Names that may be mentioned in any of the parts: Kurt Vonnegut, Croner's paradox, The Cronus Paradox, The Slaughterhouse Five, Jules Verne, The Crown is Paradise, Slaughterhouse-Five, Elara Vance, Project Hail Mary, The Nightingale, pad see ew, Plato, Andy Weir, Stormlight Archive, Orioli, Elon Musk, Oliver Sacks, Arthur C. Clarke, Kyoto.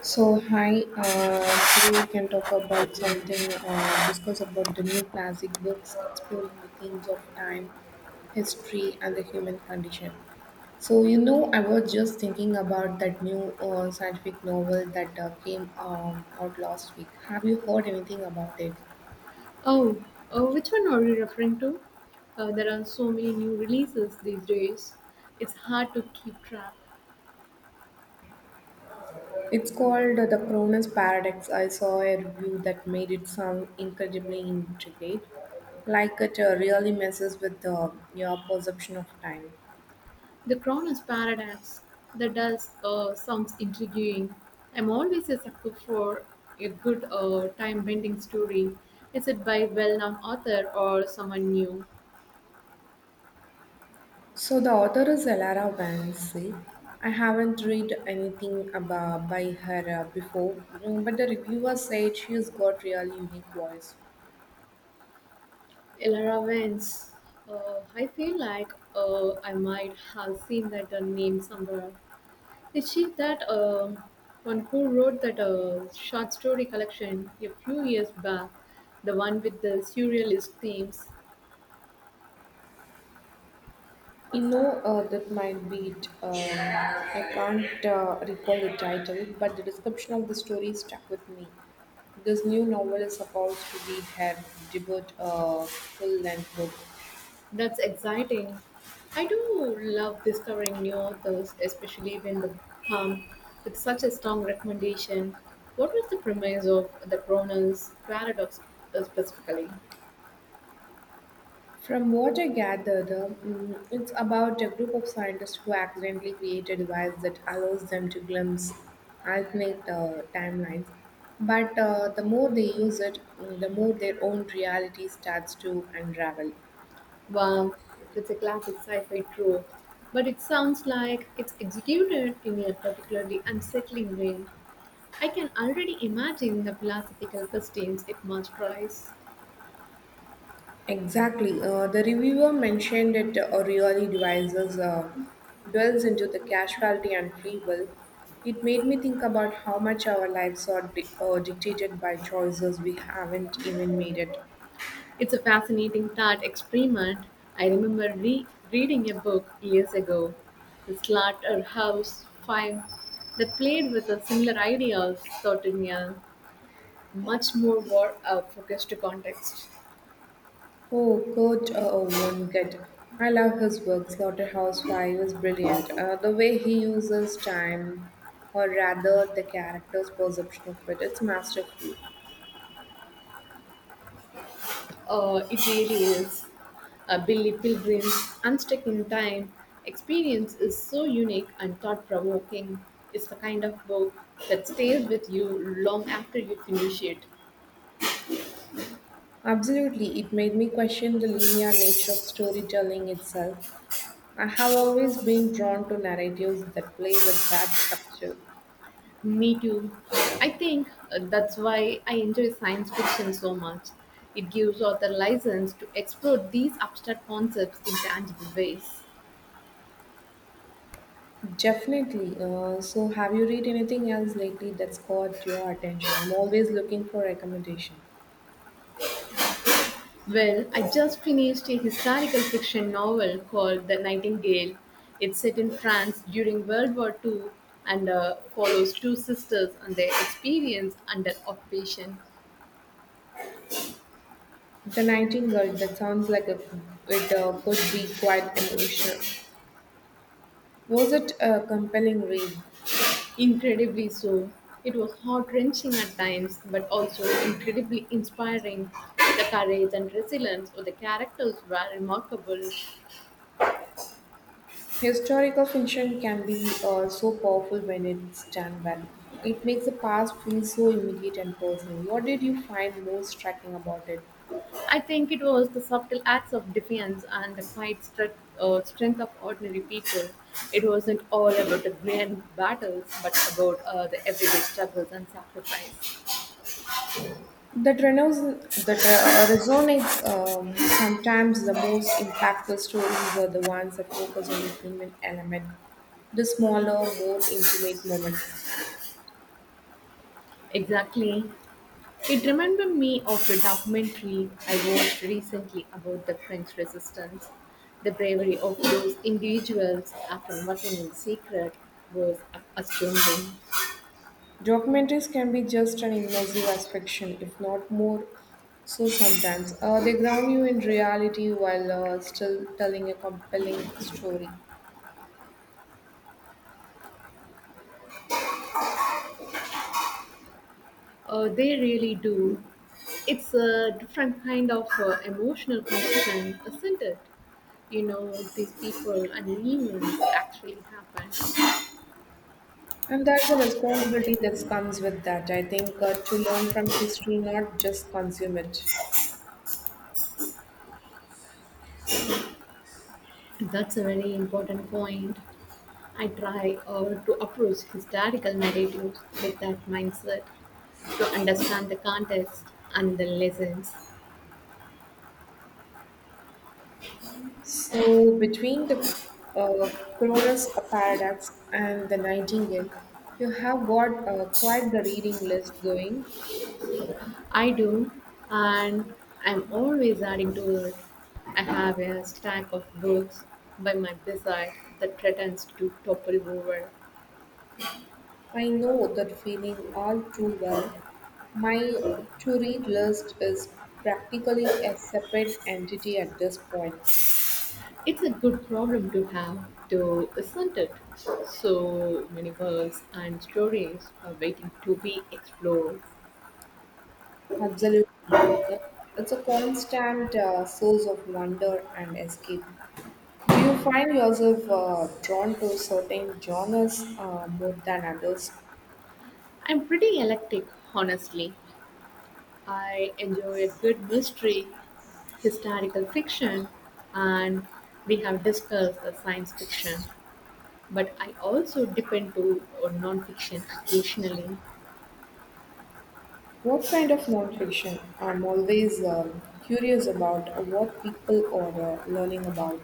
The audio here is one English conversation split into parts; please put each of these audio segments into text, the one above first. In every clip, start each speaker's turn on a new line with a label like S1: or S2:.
S1: So hi, today we can talk about something, discuss about the new classic books exploring the themes of time, history, and the human condition. So you know, I was just thinking about that new scientific novel that came out last week. Have you heard anything about it?
S2: Oh, which one are you referring to? There are so many new releases these days. It's hard to keep track.
S1: It's called The Cronus Paradox. I saw a review that made it sound incredibly intricate, like it really messes with your perception of time.
S2: The Crown is Paradise. That does sounds intriguing. I'm always a sucker for a good time-bending story. Is it by well-known author or someone new?
S1: So the author is Elara Vance. I haven't read anything about by her before, but the reviewer said she's got really unique voice.
S2: Elara Vance. I feel like I might have seen that name somewhere. Is she that one who wrote that short story collection a few years back? The one with the surrealist themes?
S1: You know that might be it. I can't recall the title, but the description of the story stuck with me. This new novel is supposed to be her debut full-length book.
S2: That's exciting. I do love discovering new authors, especially when they come with such a strong recommendation. What was the premise of the Croner's paradox specifically?
S1: From what I gather, it's about a group of scientists who accidentally create a device that allows them to glimpse alternate timelines. But the more they use it, the more their own reality starts to unravel.
S2: Wow, that's a classic sci-fi trope. But it sounds like it's executed in a particularly unsettling way. I can already imagine the philosophical questions it must raise.
S1: Exactly. The reviewer mentioned that Orioli devices dwells into the casualty and free will. It made me think about how much our lives are dictated by choices we haven't even made it.
S2: It's a fascinating thought experiment. I remember reading a book years ago, The Slaughterhouse Five, that played with a similar idea of thought in a much more war-focused context.
S1: Oh, Kurt Vonnegut. I love his work. Slaughterhouse-Five is brilliant. The way he uses time, or rather the character's perception of it, it's masterful.
S2: It really is. A Billy Pilgrim's Unstuck in Time experience is so unique and thought provoking. It's the kind of book that stays with you long after you finish it.
S1: Absolutely, it made me question the linear nature of storytelling itself. I have always been drawn to narratives that play with that structure.
S2: Me too. I think that's why I enjoy science fiction so much. It gives author license to explore these abstract concepts in tangible ways.
S1: Definitely. So, have you read anything else lately that's caught your attention? I'm always looking for recommendation.
S2: Well, I just finished a historical fiction novel called The Nightingale. It's set in France during World War II and follows two sisters and their experience under occupation.
S1: The Nightingale, that sounds like it could be quite emotional. Was it a compelling read?
S2: Incredibly so. It was heart wrenching at times, but also incredibly inspiring. The courage and resilience of the characters were remarkable.
S1: Historical fiction can be so powerful when it's done well. It makes the past feel so immediate and personal. What did you find most striking about it?
S2: I think it was the subtle acts of defiance and the quiet strength of ordinary people. It wasn't all about the grand battles, but about the everyday struggles and sacrifice.
S1: That resonates. Sometimes the most impactful stories are the ones that focus on the human element, the smaller, more intimate moments.
S2: Exactly. It reminded me of the documentary I watched recently about the French resistance. The bravery of those individuals, after working in secret, was astounding.
S1: Documentaries can be just as immersive as fiction, if not more so sometimes. They ground you in reality while still telling a compelling story.
S2: They really do. It's a different kind of emotional connection, isn't it? You know, these people and events actually happen.
S1: And that's a responsibility that comes with that, I think, to learn from history, not just consume it.
S2: That's a very important point. I try to approach historical narratives with that mindset to understand the context and the lessons.
S1: So, between the uh, Cronus paradox and the Nightingale, you have got quite the reading list going.
S2: I do, and I'm always adding to it. I have a stack of books by my bedside that threatens to topple over.
S1: I know that feeling all too well. My to read list is practically a separate entity at this point.
S2: It's a good problem to have, though, isn't it? So many worlds and stories are waiting to be explored.
S1: Absolutely. It's a constant source of wonder and escape. Do you find yourself drawn to certain genres more than others?
S2: I'm pretty eclectic, honestly. I enjoy a good mystery, historical fiction, and we have discussed the science fiction. But I also depend into nonfiction occasionally.
S1: What kind of nonfiction? I'm always curious about what people are learning about.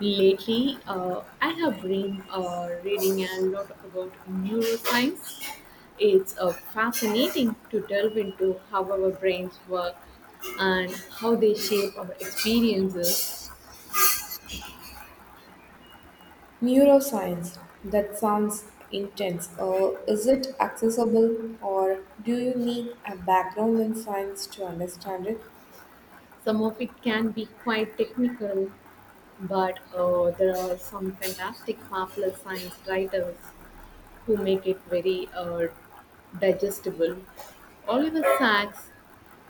S2: Lately, I have been reading a lot about neuroscience. It's fascinating to delve into how our brains work and how they shape our experiences.
S1: Neuroscience, that sounds intense. Is it accessible or do you need a background in science to understand it?
S2: Some of it can be quite technical, but there are some fantastic popular science writers who make it very digestible. Oliver Sacks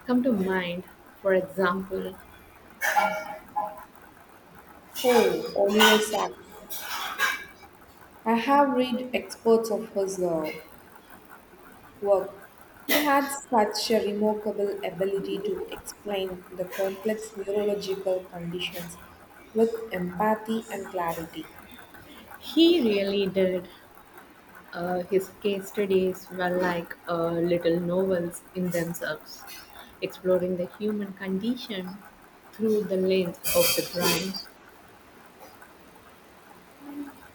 S2: come to mind. For example,
S1: Oh, Oliver Sacks. I have read experts of his work. He had such a remarkable ability to explain the complex neurological conditions with empathy and clarity.
S2: he really did. His case studies were like little novels in themselves, exploring the human condition through the lens of the crime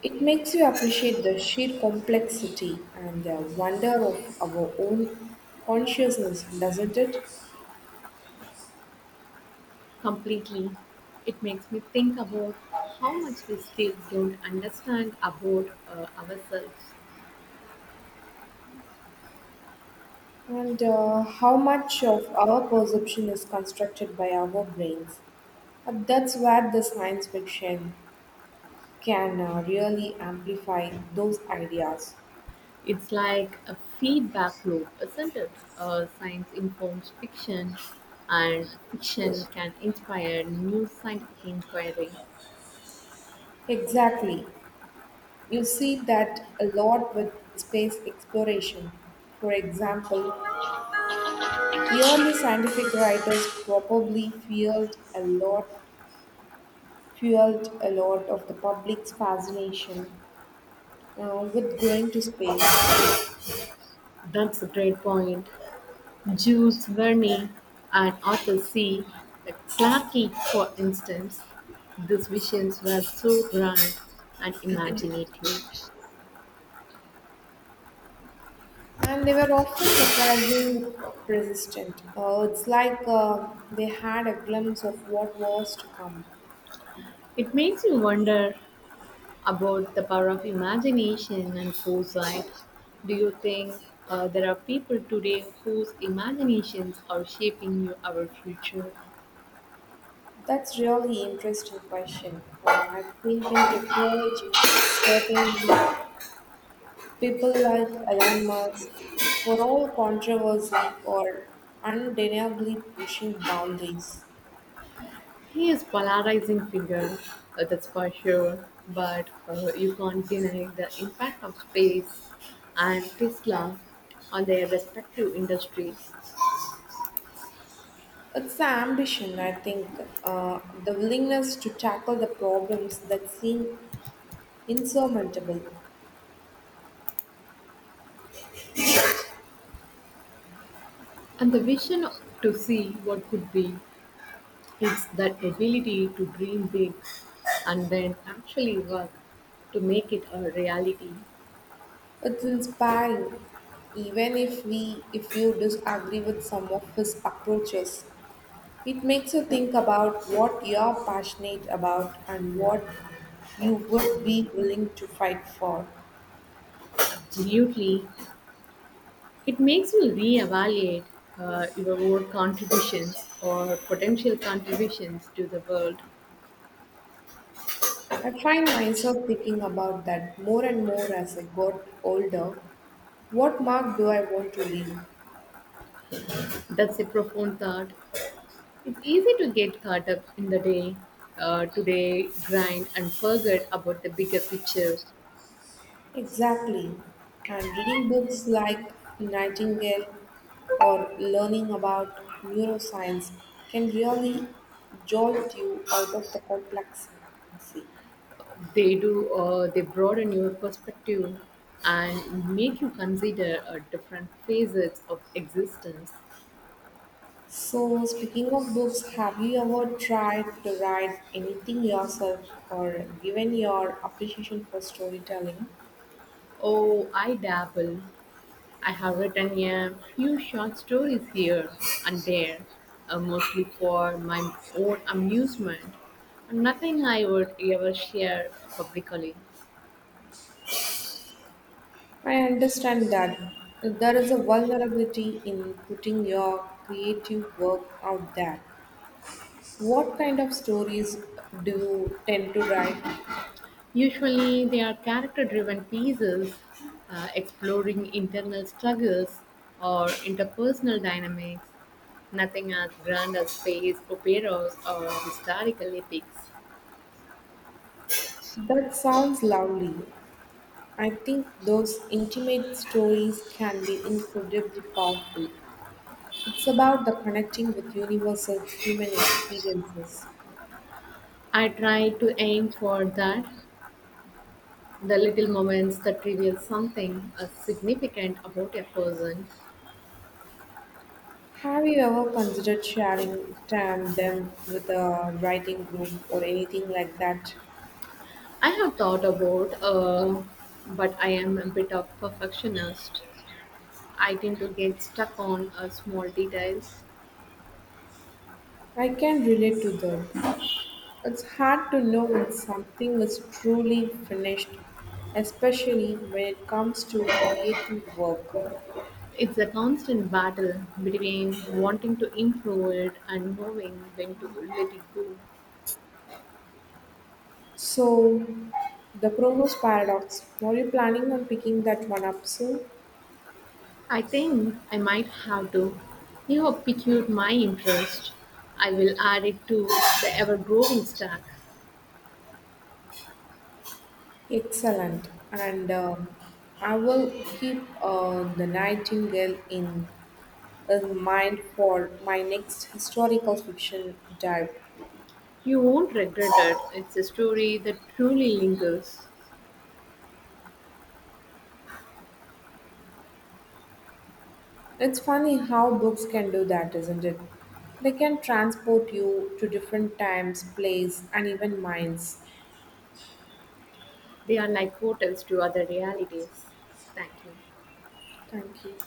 S1: It makes you appreciate the sheer complexity and the wonder of our own consciousness, doesn't it?
S2: completely. It makes me think about how much we still don't understand about ourselves.
S1: And how much of our perception is constructed by our brains. And that's where the science fiction can really amplify those ideas.
S2: It's like a feedback loop, isn't it? Science informs fiction, and fiction can inspire new scientific inquiry.
S1: Exactly. You see that a lot with space exploration. For example, early scientific writers probably feared a lot fueled a lot of the public's fascination with going to space.
S2: That's a great point. Jules Verne and Arthur C. Clarke, for instance, these visions were so grand and imaginative.
S1: And they were often surprisingly persistent. It's like they had a glimpse of what was to come.
S2: It makes you wonder about the power of imagination and foresight. Do you think there are people today whose imaginations are shaping you our future?
S1: That's really interesting question. I think in technology, certainly people like Elon Musk, for all controversy, are undeniably pushing boundaries.
S2: He is polarizing figure, that's for sure, but you can't deny the impact of space and Tesla on their respective industries
S1: It's the ambition, I think, uh, the willingness to tackle the problems that seem insurmountable.
S2: and the vision to see what could be. It's that ability to dream big and then actually work to make it a reality.
S1: It's inspiring, even if if you disagree with some of his approaches. It makes you think about what you're passionate about and what you would be willing to fight for.
S2: Absolutely. It makes you reevaluate your own contributions or potential contributions to the world.
S1: I find myself thinking about that more and more as I got older. What mark do I want to leave?
S2: That's a profound thought. It's easy to get caught up in the day, today grind, and forget about the bigger picture.
S1: Exactly. And reading books like Nightingale or learning about neuroscience can really jolt you out of the complexity.
S2: They do. They broaden your perspective and make you consider different facets of existence.
S1: So, speaking of books, have you ever tried to write anything yourself or given your appreciation for storytelling?
S2: Oh, I dabble. I have written a few short stories here and there, mostly for my own amusement, and nothing I would ever share publicly.
S1: I understand that there is a vulnerability in putting your creative work out there. What kind of stories do you tend to write?
S2: Usually, they are character driven pieces exploring internal struggles or interpersonal dynamics, nothing as grand as space operas or historical epics.
S1: That sounds lovely. I think those intimate stories can be incredibly powerful. It's about the connecting with universal human experiences.
S2: I try to aim for that the little moments that reveal something significant about a person.
S1: Have you ever considered sharing time them with a writing group or anything like that?
S2: I have thought about, but I am a bit of perfectionist. I tend to get stuck on small details.
S1: I can relate to that. It's hard to know when something is truly finished, especially when it comes to creative work.
S2: It's a constant battle between wanting to improve it and knowing when to let it go.
S1: So, the Chronos Paradox, are you planning on picking that one up soon?
S2: I think I might have to. You have piqued my interest. I will add it to the ever growing stack.
S1: Excellent. And I will keep the Nightingale in mind for my next historical fiction dive.
S2: You won't regret it. It's a story that truly lingers.
S1: It's funny how books can do that, isn't it? They can transport you to different times, place, and even minds.
S2: They are like hotels to other realities. Thank you.
S1: Thank you.